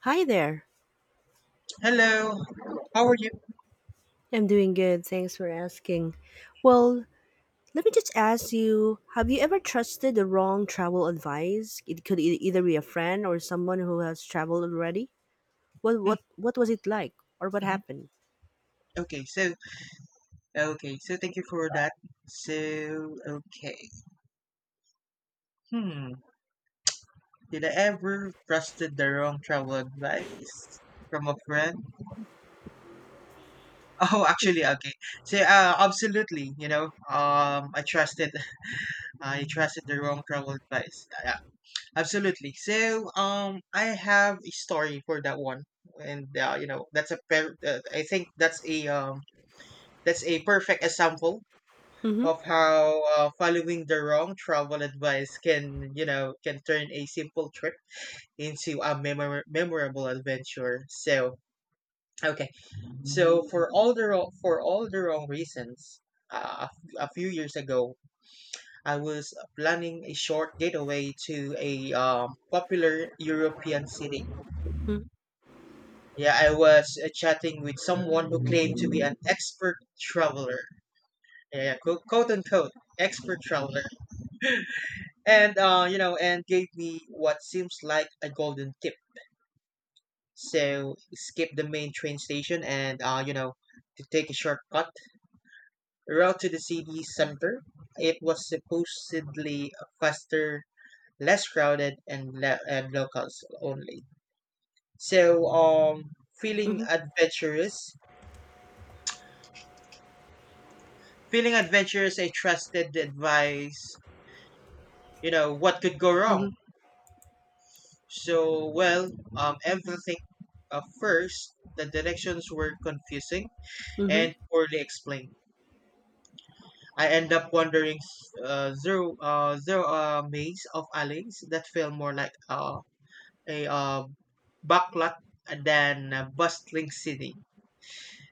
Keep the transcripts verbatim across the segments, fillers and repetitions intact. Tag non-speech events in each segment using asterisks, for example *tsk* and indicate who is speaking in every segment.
Speaker 1: Hi there.
Speaker 2: Hello, how are you?
Speaker 1: I'm doing good. Thanks for asking. Well, let me just ask you have you ever trusted the wrong travel advice? It could e- either be a friend or someone who has traveled already. What
Speaker 2: Mm,
Speaker 1: what what was it like or what
Speaker 2: mhm.
Speaker 1: happened?
Speaker 2: Okay, so okay, so thank you for that. So okay, hmm, did I ever trusted the wrong travel advice from a friend? *laughs* Oh, actually, okay. So uh, Absolutely, you know, um, I trusted, *laughs* I trusted the wrong travel advice. Uh, Yeah, absolutely. So um, I have a story for that one, and uh, you know, that's a per- uh, I think that's a um, that's a perfect example
Speaker 1: Mhm.
Speaker 2: of how uh, following the wrong travel advice can you know can turn a simple trip into a memor- memorable adventure. So okay so for all the wrong, for all the wrong reasons, uh, a f- a few years ago, I was planning a short getaway to a um, popular European city.
Speaker 1: Mhm.
Speaker 2: Yeah, I was uh, chatting with someone who claimed to be an expert traveler, yeah, yeah, quote, quote unquote, expert traveler, and uh, you know, and gave me what seems like a golden tip. So skip the main train station and uh, you know, to take a shortcut route to the city center. It was supposedly faster, less crowded, and le- and locals only. So um, feeling
Speaker 1: Mhm.
Speaker 2: adventurous, feeling adventurous, I trusted the advice. You know what could go
Speaker 1: Mhm.
Speaker 2: wrong. So, well, um, everything. Uh, first, the directions were confusing
Speaker 1: Mhm.
Speaker 2: and poorly explained. I end up wandering, uh, through uh, through a maze of alleys that feel more like uh, a uh, backlot than a bustling city.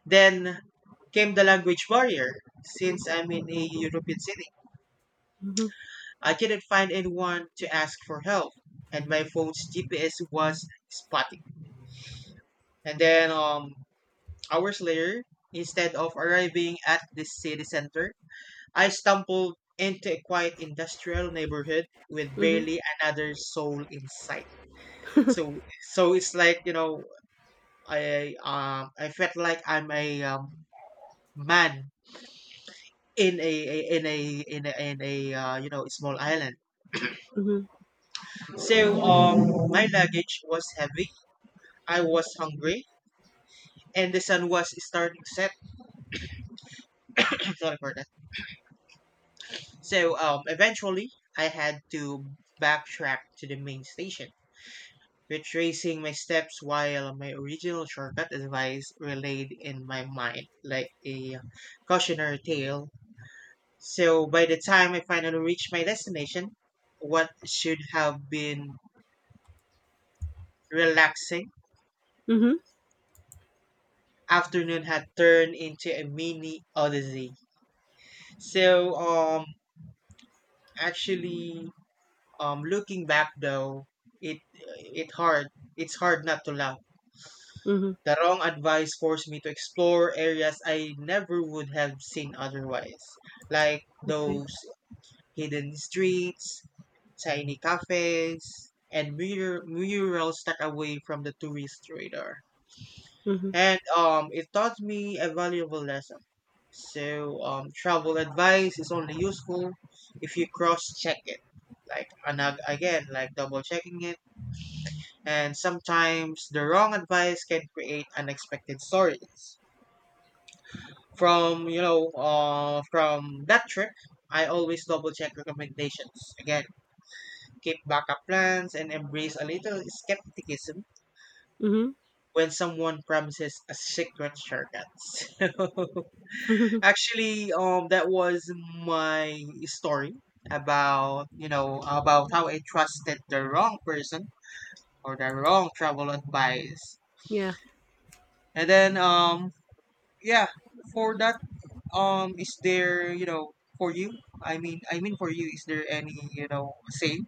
Speaker 2: Then came the language barrier. Since I'm in a European city,
Speaker 1: Mhm.
Speaker 2: I couldn't find anyone to ask for help, and my phone's G P S was spotty. And then um, Hours later, instead of arriving at the city center, I stumbled into a quiet industrial neighborhood with
Speaker 1: Mhm.
Speaker 2: barely another soul in sight. So, so it's like, you know, I um, I felt like I'm a um, man in a, a in a in a, in a, uh, you know small island.
Speaker 1: Mhm.
Speaker 2: So um, my luggage was heavy. I was hungry, and the sun was starting to set. *coughs* *clears throat* Sorry for that. So um, eventually, I had to backtrack to the main station, retracing my steps while my original shortcut advice relayed in my mind like a cautionary tale. So by the time I finally reached my destination, what should have been relaxing
Speaker 1: Mhm.
Speaker 2: afternoon had turned into a mini odyssey. So um, actually, um, Looking back though, it it hard, it's hard not to laugh.
Speaker 1: Mhm.
Speaker 2: The wrong advice forced me to explore areas I never would have seen otherwise, like
Speaker 1: Okay.
Speaker 2: those hidden streets, tiny cafes, and mur- murals stuck away from the tourist radar.
Speaker 1: Mhm.
Speaker 2: And um, It taught me a valuable lesson. So, um, travel advice is only useful if you cross-check it, like, and ag- again, like double-checking it. And sometimes the wrong advice can create unexpected stories. From you know uh, from that trip, I always double check recommendations again, keep backup plans and embrace a little skepticism
Speaker 1: Mhm.
Speaker 2: when someone promises a secret shortcut. *laughs* so,
Speaker 1: *laughs*
Speaker 2: actually um that was my story about you know about how I trusted the wrong person or the wrong travel advice.
Speaker 1: Yeah.
Speaker 2: And then um yeah for that Um, is there, you know, for you? I mean, I mean for you, is there any, you know, same?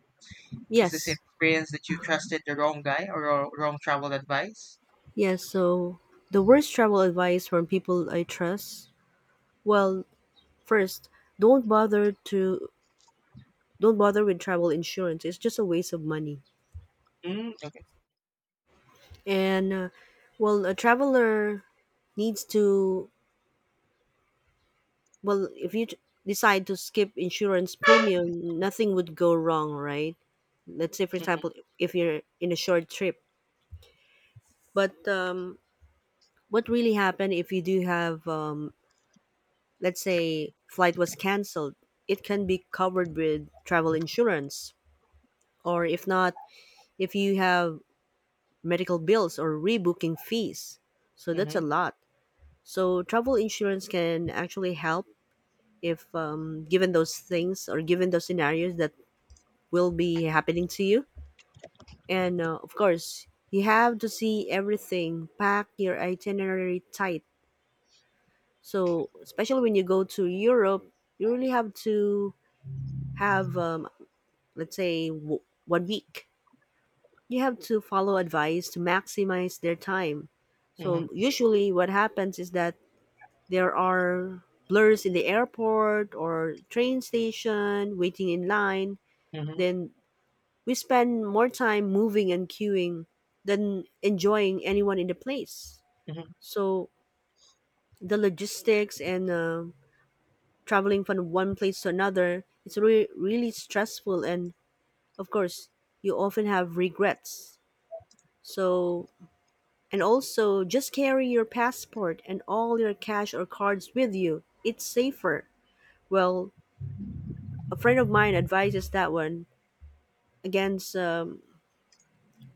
Speaker 2: Is the same
Speaker 1: Yes.
Speaker 2: experience that you trusted the wrong guy or wrong wrong travel advice?
Speaker 1: Yes, so the worst travel advice from people I trust, well, first, don't bother to don't bother with travel insurance. It's just a waste of money.
Speaker 2: Mm, okay.
Speaker 1: And uh, well, a traveler needs to, well, if you t- decide to skip insurance premium, nothing would go wrong, right? Let's say, for
Speaker 2: Mm-hmm,
Speaker 1: example, if you're in a short trip. But um, what really happened if you do have, um, let's say, flight was canceled? It can be covered with travel insurance, or if not, if you have medical bills or rebooking fees. So that's
Speaker 2: mm-hmm,
Speaker 1: a lot. So travel insurance can actually help if, um, given those things or given those scenarios that will be happening to you. And uh, of course, you have to see everything, pack your itinerary tight. So especially when you go to Europe, you really have to have, um, let's say w- one week. You have to follow advice to maximize their time. So usually what happens is that there are blurs in the airport or train station, waiting in line.
Speaker 2: mm-hmm,
Speaker 1: Then we spend more time moving and queuing than enjoying anyone in the place.
Speaker 2: mm-hmm,
Speaker 1: So the logistics and uh, traveling from one place to another, it's re- really stressful. And of course, you often have regrets. So, and also just carry your passport and all your cash or cards with you. It's safer. Well, a friend of mine advises that one against, um,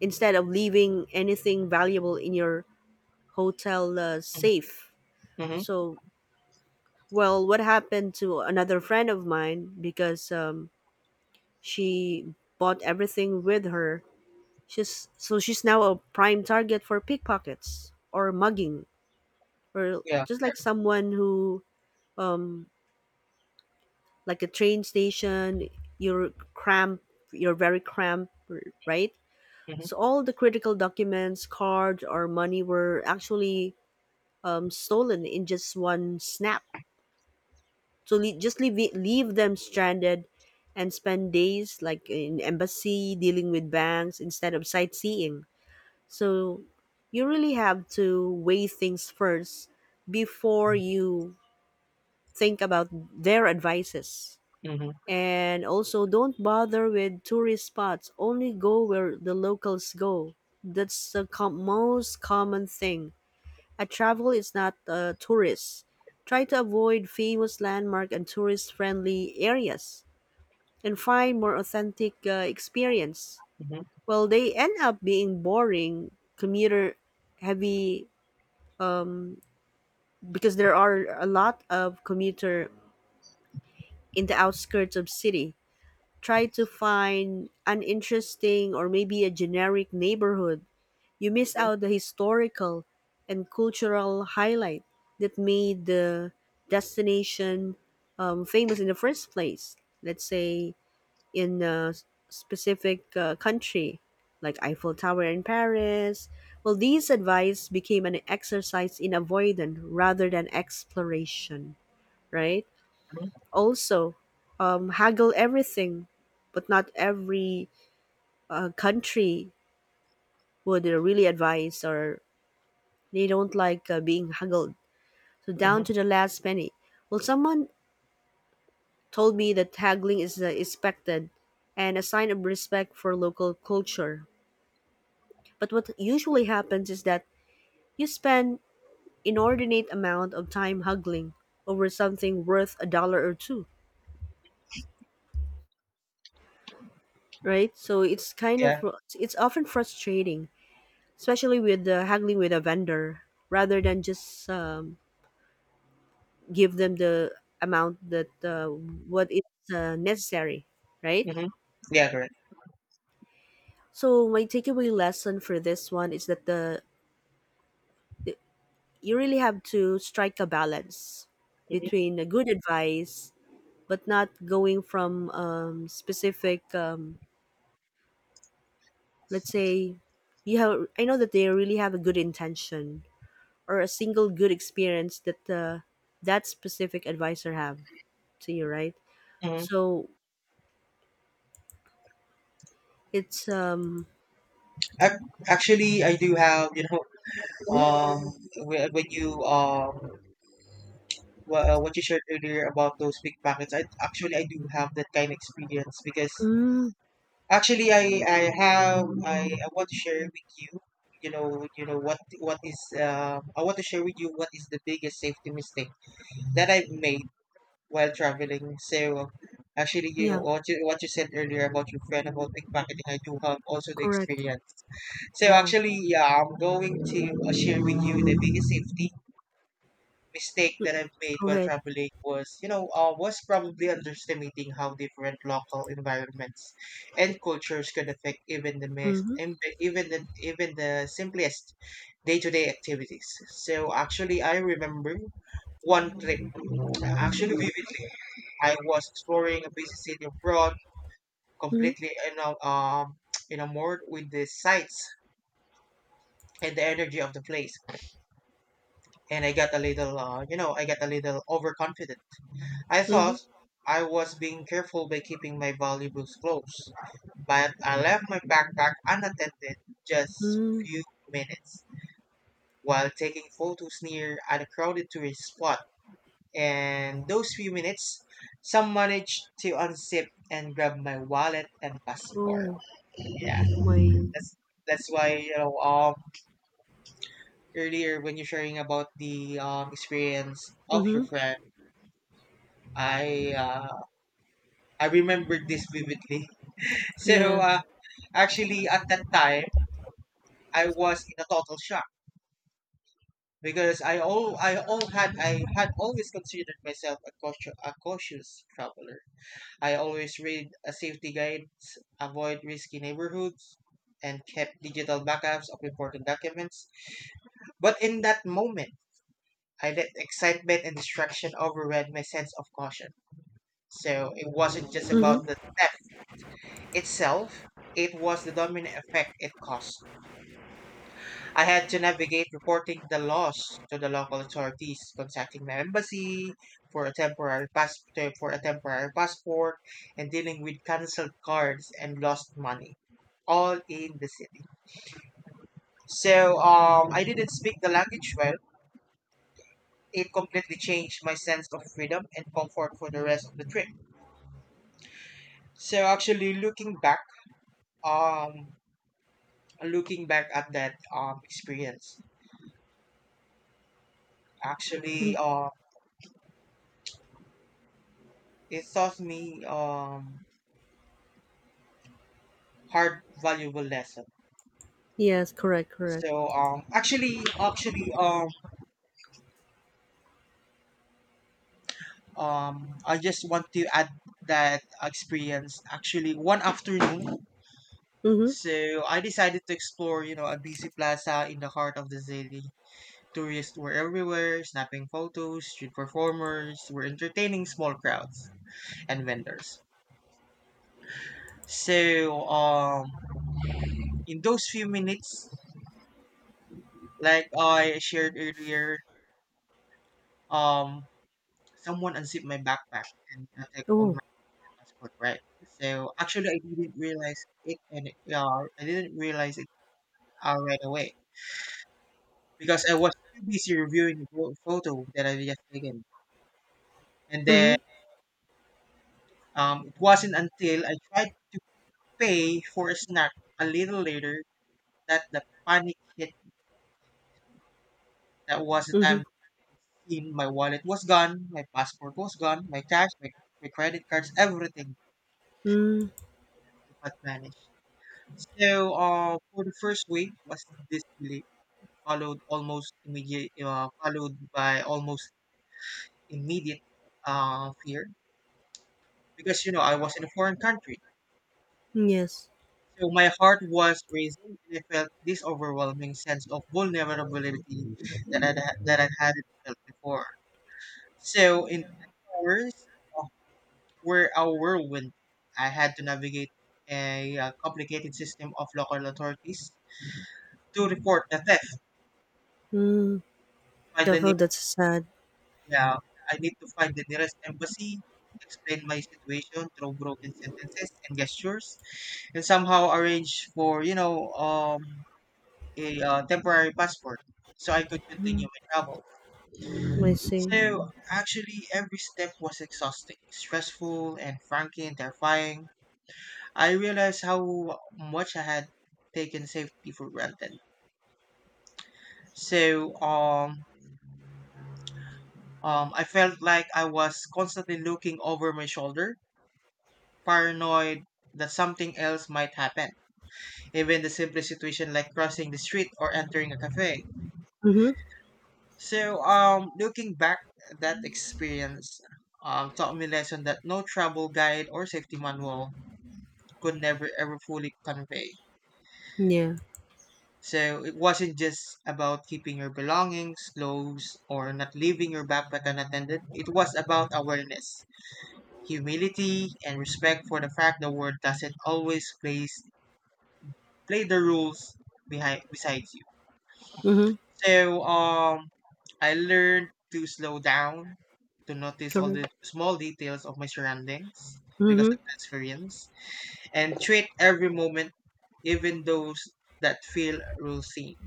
Speaker 1: instead of leaving anything valuable in your hotel uh,
Speaker 2: mm-hmm,
Speaker 1: safe.
Speaker 2: mm-hmm.
Speaker 1: So well, what happened to another friend of mine because, um, she bought everything with her. She's so she's now a prime target for pickpockets or mugging, or
Speaker 2: Yeah.
Speaker 1: just like someone who, um, like a train station, you're cramped, you're very cramped, right?
Speaker 2: Mm-hmm,
Speaker 1: So all the critical documents, cards, or money were actually, um, stolen in just one snap. So le- just leave it, leave them stranded, and spend days like in embassy dealing with banks instead of sightseeing. So you really have to weigh things first before you think about their advices.
Speaker 2: mm-hmm,
Speaker 1: And also, don't bother with tourist spots. Only go where the locals go. That's the com- most common thing. A travel is not a tourist. Try to avoid famous landmark and tourist-friendly areas, and find more authentic uh, experience.
Speaker 2: mm-hmm,
Speaker 1: Well, they end up being boring, commuter-heavy, because there are a lot of commuter in the outskirts of city. Try to find an interesting or maybe a generic neighborhood, you miss out the historical and cultural highlight that made the destination, um, famous in the first place. Let's say in a s- specific uh, country, like Eiffel Tower in Paris. Well, these advice became an exercise in avoidance rather than exploration, right?
Speaker 2: mm-hmm,
Speaker 1: Also, um, haggle everything, but not every uh, country would uh, really advise, or they don't like uh, being haggled. So
Speaker 2: mm-hmm.
Speaker 1: down to the last penny. Well, someone told me that haggling is, uh, expected and a sign of respect for local culture. But what usually happens is that you spend inordinate amount of time haggling over something worth a dollar or two, right? So it's kind of,
Speaker 2: Yeah.
Speaker 1: it's often frustrating, especially with, uh, haggling with a vendor rather than just, um, give them the amount that, uh, what is, uh, necessary, right?
Speaker 2: Mm-hmm. Yeah, correct.
Speaker 1: So my takeaway lesson for this one is that the, the you really have to strike a balance
Speaker 2: Mm-hmm,
Speaker 1: between a good advice, but not going from, um, specific, um, let's say you have, I know that they really have a good intention or a single good experience that, uh, that specific advisor have see, right?
Speaker 2: mm-hmm.
Speaker 1: So it's um.
Speaker 2: Ac- Actually, I do have, you know,
Speaker 1: Mm.
Speaker 2: um, whe- when you, um, wha- uh, what you shared earlier about those pickpockets, I actually I do have that kind of experience. Because
Speaker 1: Mm.
Speaker 2: actually, I I have I, I want to share with you. You know, you know what what is um I want to share with you what is the biggest safety mistake that I've made while traveling. So actually, you know,
Speaker 1: Yeah,
Speaker 2: what you what you said earlier about your friend about pickpocketing, I do have also the
Speaker 1: correct.
Speaker 2: experience. So
Speaker 1: Wow.
Speaker 2: actually, yeah, I'm going to uh, share with you the biggest safety mistake that I've made
Speaker 1: Go
Speaker 2: while
Speaker 1: ahead.
Speaker 2: traveling was, you know, uh, was probably underestimating how different local environments and cultures can affect even the mes-
Speaker 1: Mhm.
Speaker 2: em- even the even the simplest day-to-day activities. So actually, I remember one trip, uh, actually *laughs* vividly. I was exploring a busy city abroad,
Speaker 1: Mhm.
Speaker 2: completely, you know, um, *tsk* enamored with the sights and the energy of the place, and I got a little, uh, you know, I got a little overconfident. I thought
Speaker 1: Mhm.
Speaker 2: I was being careful by keeping my valuables close, but I left my backpack unattended just
Speaker 1: Mm.
Speaker 2: few minutes while taking photos near a crowded tourist spot. And those few minutes, some managed to unzip and grab my wallet and passport.
Speaker 1: Oh,
Speaker 2: Yeah,
Speaker 1: my.
Speaker 2: that's that's why you know um earlier when you're sharing about the um experience of your
Speaker 1: Mhm.
Speaker 2: friend, I uh, I remembered this vividly. *laughs*
Speaker 1: Yeah.
Speaker 2: So uh, Actually, at that time, I was in a total shock because I all I all had I had always considered myself a cautious, a cautious traveler. I always read a safety guides, avoid risky neighborhoods, and kept digital backups of important documents. But in that moment, I let excitement and distraction override my sense of caution. So it wasn't just
Speaker 1: Mhm.
Speaker 2: about the theft itself; it was the domino effect it caused. I had to navigate reporting the loss to the local authorities, contacting the embassy for a temporary pass- to- for a temporary passport, and dealing with cancelled cards and lost money, all in the city. So um, I didn't speak the language well. It completely changed my sense of freedom and comfort for the rest of the trip. So actually, looking back, um, looking back at that um experience,
Speaker 1: Mm.
Speaker 2: actually, um, it taught me um hard valuable lesson.
Speaker 1: Yes, correct, correct.
Speaker 2: So um actually actually um um I just want to add that experience. Actually, one afternoon,
Speaker 1: Mhm.
Speaker 2: so I decided to explore, you know, a busy plaza in the heart of the city. Tourists were everywhere snapping photos, street performers were entertaining small crowds, and vendors. so um in those few minutes, like I shared earlier, um someone unzipped my backpack and I take all.
Speaker 1: Oh.
Speaker 2: That's correct, right? So actually, I didn't realize it, and yeah, I didn't realize it uh, right away because I was too busy reviewing the pho- photo that I just taken, and then
Speaker 1: Mhm.
Speaker 2: um, it wasn't until I tried to pay for a snack a little later that the panic hit. That was the
Speaker 1: Mhm.
Speaker 2: time in my wallet was gone, my passport was gone, my cash, my, my credit cards, everything
Speaker 1: Mm.
Speaker 2: but vanished. So, uh, for the first week was disbelief followed almost immediate, uh, followed by almost immediate uh, fear because, you know, I was in a foreign country.
Speaker 1: Yes.
Speaker 2: So my heart was racing, and I felt this overwhelming sense of vulnerability that I that I hadn't felt before. So in the next hours uh, were a whirlwind. I had to navigate a uh, complicated system of local authorities to report the theft,
Speaker 1: Mm.
Speaker 2: find
Speaker 1: Oh,
Speaker 2: the—
Speaker 1: how that's sad.
Speaker 2: Yeah, I need to find the nearest embassy, explain my situation through broken sentences and gestures, and somehow arrange for, you know, um, a uh, temporary passport so I could continue my travel.
Speaker 1: I see.
Speaker 2: So actually, every step was exhausting, stressful, and frankly terrifying. I realized how much I had taken safety for granted. So, um, um, I felt like I was constantly looking over my shoulder, paranoid that something else might happen. Even the simplest situation like crossing the street or entering a cafe.
Speaker 1: Mhm.
Speaker 2: So um looking back, that experience um taught me a lesson that no travel guide or safety manual could never ever fully convey.
Speaker 1: Yeah.
Speaker 2: So it wasn't just about keeping your belongings, clothes, or not leaving your backpack unattended. It was about awareness, humility, and respect for the fact the world doesn't always place play the rules behind besides you.
Speaker 1: Mhm.
Speaker 2: So um I learned to slow down, to notice all
Speaker 1: Correct.
Speaker 2: the small details of my surroundings because
Speaker 1: Mhm.
Speaker 2: of the experience, and treat every moment, even those that feel routine,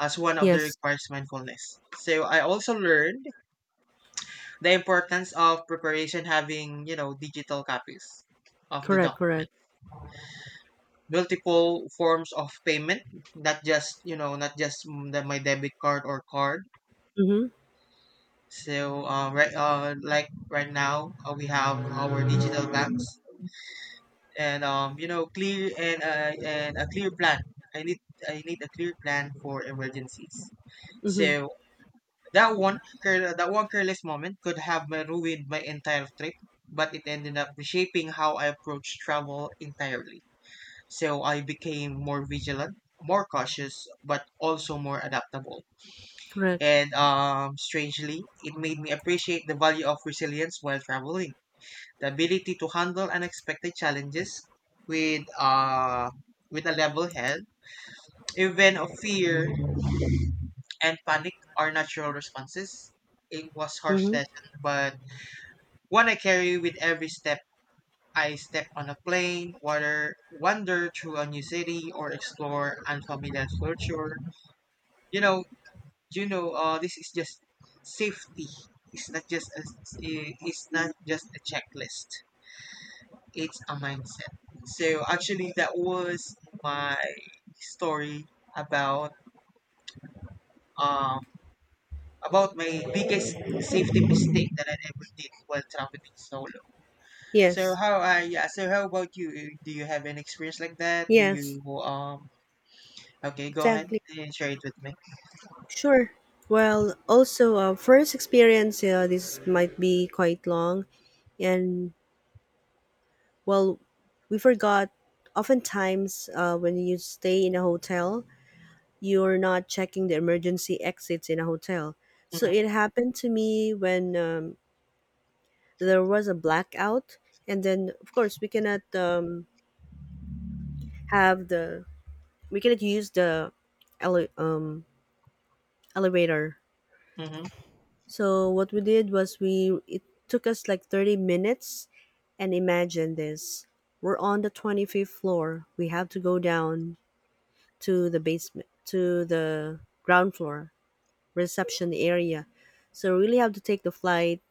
Speaker 2: as one of the
Speaker 1: Yes.
Speaker 2: requires mindfulness. So I also learned the importance of preparation having, you know, digital copies of the
Speaker 1: Correct, correct.
Speaker 2: multiple forms of payment, not just you know not just mm, the, my debit card or card.
Speaker 1: Mhm.
Speaker 2: So uh, right uh, like right now, uh, we have our digital banks and, um, you know clear and, uh, and a clear plan. i need I need a clear plan for emergencies.
Speaker 1: Mhm.
Speaker 2: So that one care- that one careless moment could have uh, ruined my entire trip, but it ended up reshaping how I approach travel entirely. So I became more vigilant, more cautious, but also more adaptable.
Speaker 1: Correct.
Speaker 2: And um, Strangely, it made me appreciate the value of resilience while traveling. The ability to handle unexpected challenges with uh, with a level head, even of fear and panic are natural responses. It was harsh
Speaker 1: Mhm.
Speaker 2: lesson, but one I carry with every step I step on a plane, water, wander through a new city, or explore unfamiliar culture you know you know uh, this is just safety. it's not just a, it's not just a checklist, it's a mindset. So actually that was my story about um about my biggest safety mistake that I ever did while traveling solo. So
Speaker 1: Yes.
Speaker 2: how I Yeah, so how about you? Do you have an experience like that? Do
Speaker 1: Yes.
Speaker 2: you um Okay, go ahead
Speaker 1: Exactly.
Speaker 2: and share it with me.
Speaker 1: Sure. Well, also, uh, first experience, uh, this might be quite long. And, well, we forgot oftentimes, uh, when you stay in a hotel, you're not checking the emergency exits in a hotel. So
Speaker 2: Mhm.
Speaker 1: it happened to me when, um, there was a blackout. And then, of course, we cannot, um, have the, we cannot use the ele- um, elevator.
Speaker 2: Mhm.
Speaker 1: So what we did was we, it took us like thirty minutes, and imagine this. We're on the twenty-fifth floor. We have to go down to the basement, to the ground floor reception area. So really have to take the flight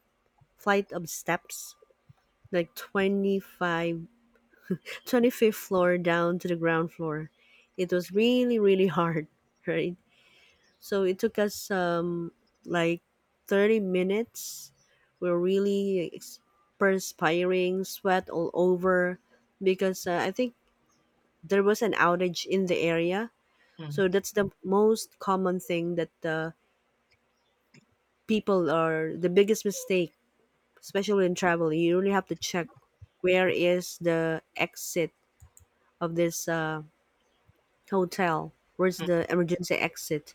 Speaker 1: flight of steps, like twenty five twenty fifth floor down to the ground floor. It was really really hard, *laughs* right? So it took us, um, like thirty minutes. We're really ex- perspiring, sweat all over, because, uh, I think there was an outage in the area. So
Speaker 2: Mhm.
Speaker 1: that's the most common thing, that, uh, people are the biggest mistake, especially in travel. You really have to check where is the exit of this, uh, hotel? Where's the emergency exit?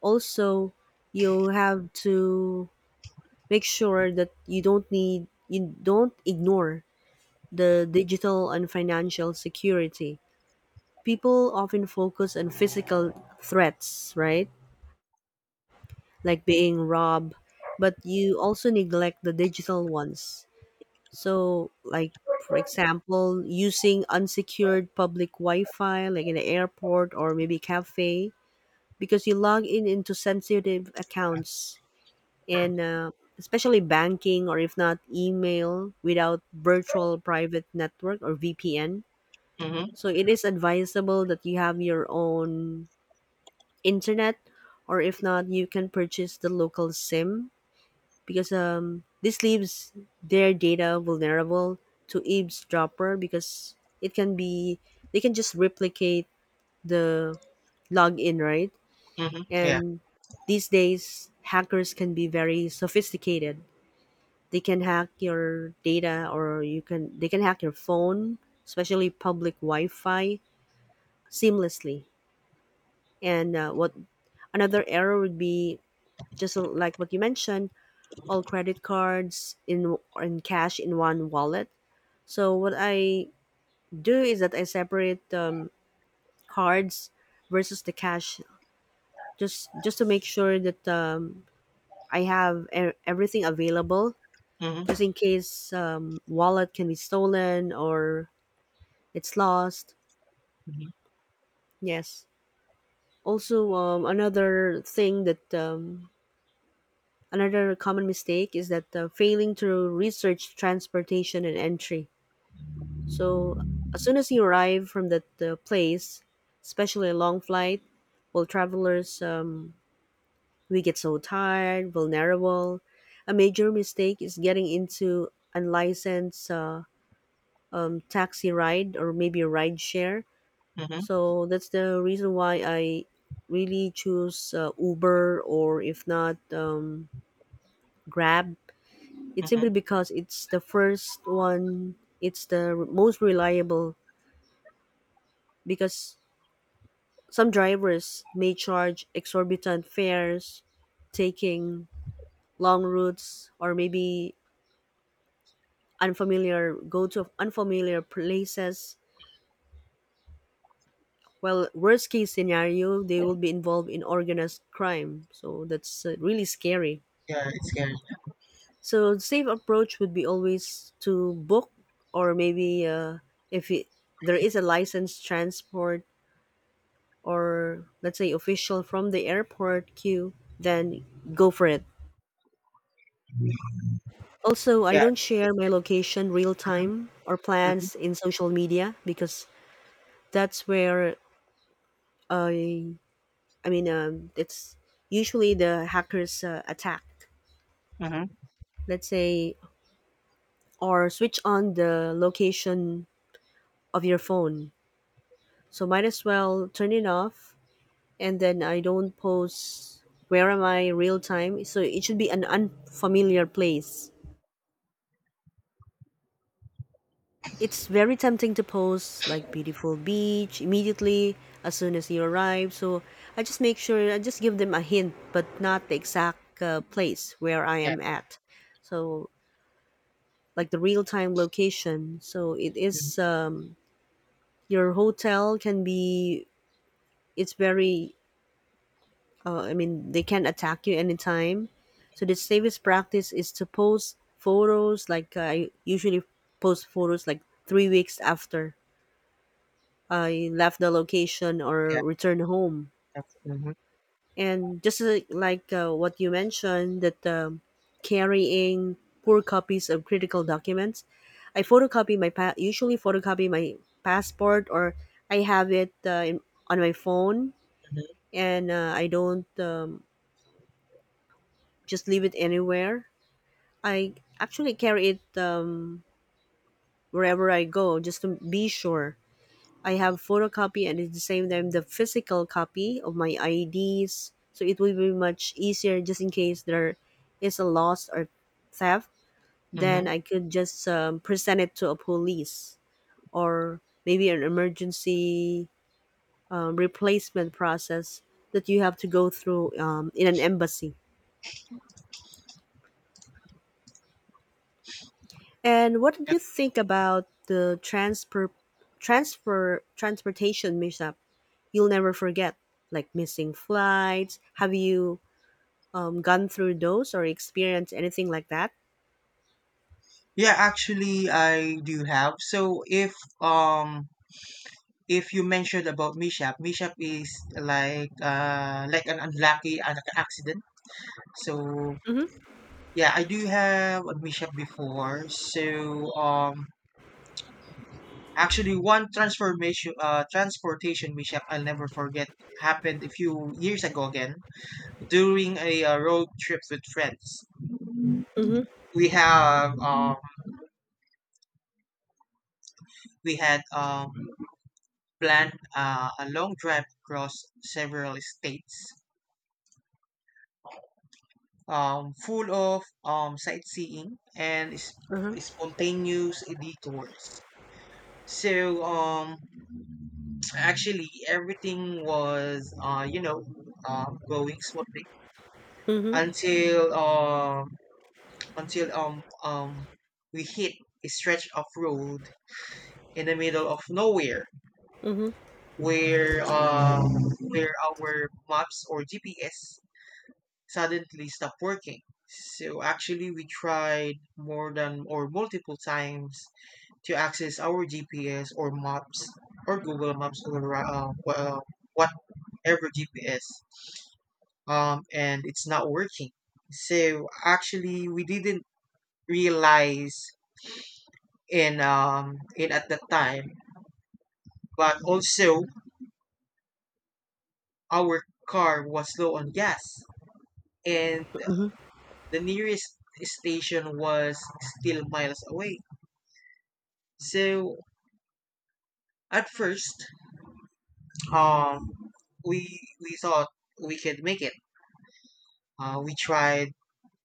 Speaker 1: Also, you have to make sure that you don't need you don't ignore the digital and financial security. People often focus on physical threats, right? Like being robbed, but you also neglect the digital ones. So, like for example, using unsecured public Wi-Fi like in the airport or maybe cafe, because you log in into sensitive accounts and, uh, especially banking, or if not email, without virtual private network or V P N.
Speaker 2: Mhm.
Speaker 1: So it is advisable that you have your own internet, or if not you can purchase the local SIM, because, um, this leaves their data vulnerable to eavesdropper, because it can be, they can just replicate the login, right?
Speaker 2: Mhm. Yeah.
Speaker 1: And these days hackers can be very sophisticated. They can hack your data, or you can they can hack your phone, especially public wi-fi, seamlessly. And, uh, what another error would be, just like what you mentioned, all credit cards in and cash in one wallet. So what I do is that I separate, um, cards versus the cash, just just to make sure that, um, I have e- everything available,
Speaker 2: Mhm.
Speaker 1: just in case, um, wallet can be stolen or it's lost. Yes. Also, um, another thing that, um, another common mistake is that, uh, failing to research transportation and entry. So as soon as you arrive from that, uh, place, especially a long flight, well, travelers, um, we get so tired, vulnerable. A major mistake is getting into unlicensed, uh, um, taxi ride, or maybe a ride share.
Speaker 2: Mhm,
Speaker 1: So that's the reason why I really choose, uh, Uber, or if not, um, Grab. It's
Speaker 2: mhm.
Speaker 1: simply because it's the first one, it's the r- most reliable, because some drivers may charge exorbitant fares, taking long routes, or maybe unfamiliar go to unfamiliar places. Well, worst case scenario, they will be involved in organized crime. So that's, uh, really scary.
Speaker 2: Yeah, it's scary.
Speaker 1: So the safe approach would be always to book, or maybe, uh, if it, there is a licensed transport, or let's say official from the airport queue, then go for it. Also, I
Speaker 2: Yeah.
Speaker 1: don't share
Speaker 2: It's,
Speaker 1: my location real
Speaker 2: mhm,
Speaker 1: time or
Speaker 2: mhm,
Speaker 1: plans in social media, because that's where I, I mean, um, it's usually the hackers, uh, attack.
Speaker 2: mhm,
Speaker 1: Let's say or switch on the location of your phone. So might as well turn it off, and then I don't post where am I real time. So it should be an unfamiliar place. It's very tempting to post like beautiful beach immediately as soon as you arrive. So I just make sure I just give them a hint but not the exact, uh, place where I
Speaker 2: yeah.
Speaker 1: am at. So like the real time location. So it
Speaker 2: Mhm,
Speaker 1: is, um, your hotel can be, it's very, uh, I mean, they can attack you anytime. So the safest practice is to post photos. Like, uh, I usually post photos like three weeks after I left the location or
Speaker 2: yeah.
Speaker 1: returned home.
Speaker 2: That's mhm,
Speaker 1: And just, uh, like, uh, what you mentioned, that, um, carrying poor copies of critical documents, I photocopy my pa- usually photocopy my passport, or I have it, uh, in, on my phone,
Speaker 2: mhm,
Speaker 1: and, uh, I don't, um, just leave it anywhere. I actually carry it, um, wherever I go just to be sure. I have photocopy and at the same time the physical copy of my I Ds. So it will be much easier just in case there is a loss or theft. Then
Speaker 2: mhm.
Speaker 1: I could just, um, present it to a police, or maybe an emergency, um, replacement process that you have to go through, um, in an embassy. And what did you
Speaker 2: Yep.
Speaker 1: think about the transfer, transfer transportation mishap? You'll never forget, like missing flights. Have you, um, gone through those or experienced anything like that?
Speaker 2: Yeah, actually, I do have. So if um if you mentioned about mishap, mishap is like uh like an unlucky an accident. So
Speaker 1: Mm-hmm.
Speaker 2: yeah, I do have a mishap before. So um actually one transformation uh transportation mishap I'll never forget happened a few years ago again, during a uh, road trip with friends.
Speaker 1: Mm-hmm.
Speaker 2: We have um, we had um, planned uh, a long drive across several states, um, full of um, sightseeing and s-
Speaker 1: Uh-huh.
Speaker 2: spontaneous detours. So um, actually everything was uh, you know um, going smoothly
Speaker 1: Mm-hmm.
Speaker 2: until um, until um, um, we hit a stretch of road in the middle of nowhere
Speaker 1: Mm-hmm.
Speaker 2: where um, where our maps or G P S suddenly stopped working. So actually, we tried more than or multiple times to access our G P S or maps or Google Maps or uh, wha- uh, whatever G P S um, And it's not working. So actually, we didn't realize in um in at that time, but also our car was low on gas and
Speaker 1: Mm-hmm.
Speaker 2: the nearest station was still miles away. So at first, um, we we thought we could make it. Uh, we tried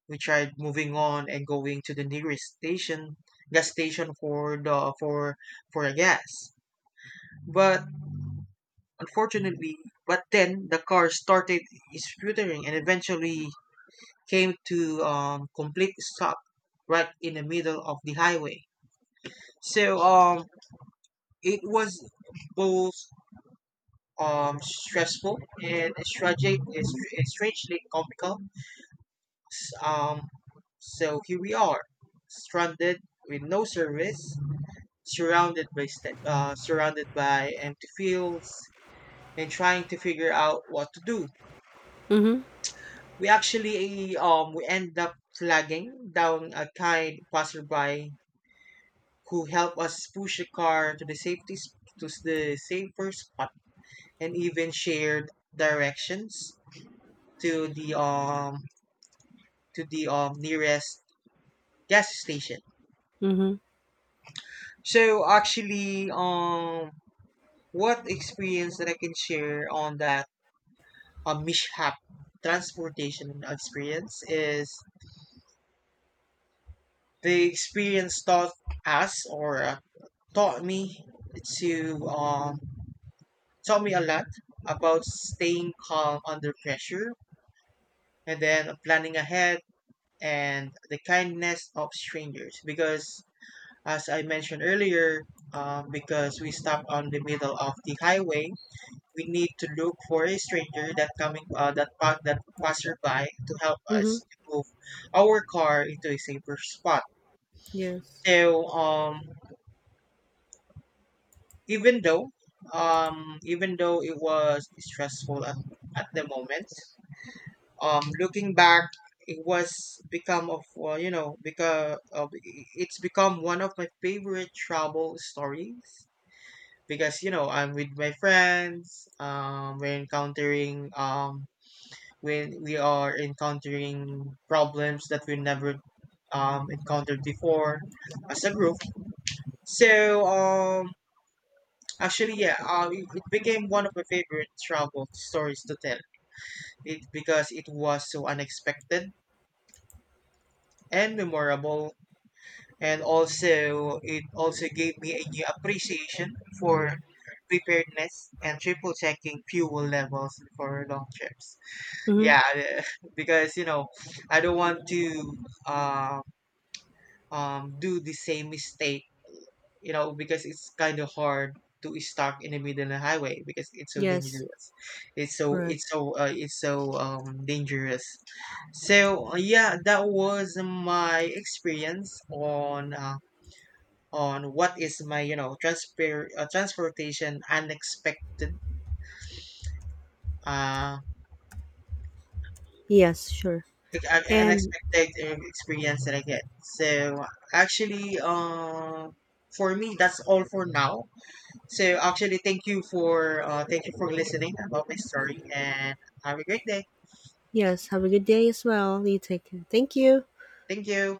Speaker 2: we tried moving on and going to the nearest station gas station for the for for the gas. But unfortunately, but then the car started sputtering and eventually came to um, complete stop right in the middle of the highway. So um, it was both um, stressful and strategic, and strangely comical. Um, so here we are, stranded with no service, surrounded by st- uh, surrounded by empty fields, and trying to figure out what to do.
Speaker 1: Mm-hmm.
Speaker 2: We actually um we end up flagging down a kind passerby who helped us push the car to the safety s- to s- the safer spot and even shared directions to the um to the um nearest gas station.
Speaker 1: Mm-hmm.
Speaker 2: So actually um what experience that I can share on that um, mishap transportation experience is the experience taught us or uh, taught me to um taught me a lot about staying calm under pressure and then planning ahead and the kindness of strangers because as I mentioned earlier, um, because we stopped on the middle of the highway we need to look for a stranger that coming uh, that pa- that passerby to help
Speaker 1: Mm-hmm.
Speaker 2: us to move our car into a safer spot.
Speaker 1: Yes.
Speaker 2: So um even though um even though it was stressful at, at the moment, um, looking back, it was become of well, you know because of, it's become one of my favorite travel stories because you know I'm with my friends. Um, we're encountering um, When we are encountering problems that we never um, encountered before as a group. So um, actually, yeah, um, it, it became one of my favorite travel stories to tell. It because it was so unexpected and memorable, and also it also gave me a new appreciation for preparedness and triple checking fuel levels for long trips,
Speaker 1: Mm-hmm.
Speaker 2: yeah. *laughs* Because you know I don't want to uh, um, do the same mistake, you know, because it's kind of hard to stop in the middle of the highway because it's so
Speaker 1: Yes.
Speaker 2: dangerous, it's so
Speaker 1: Correct.
Speaker 2: it's so uh, it's so um dangerous. So uh, yeah, that was my experience on uh, on what is my you know transfer uh, transportation unexpected uh
Speaker 1: Yes. Sure.
Speaker 2: ex- uh,
Speaker 1: And
Speaker 2: unexpected uh, experience that I get. So actually, uh, for me that's all for now. So actually, thank you for uh, thank you for listening about my story, and have a great day.
Speaker 1: yes. Have a good day as well. You take care. Thank you.
Speaker 2: Thank you.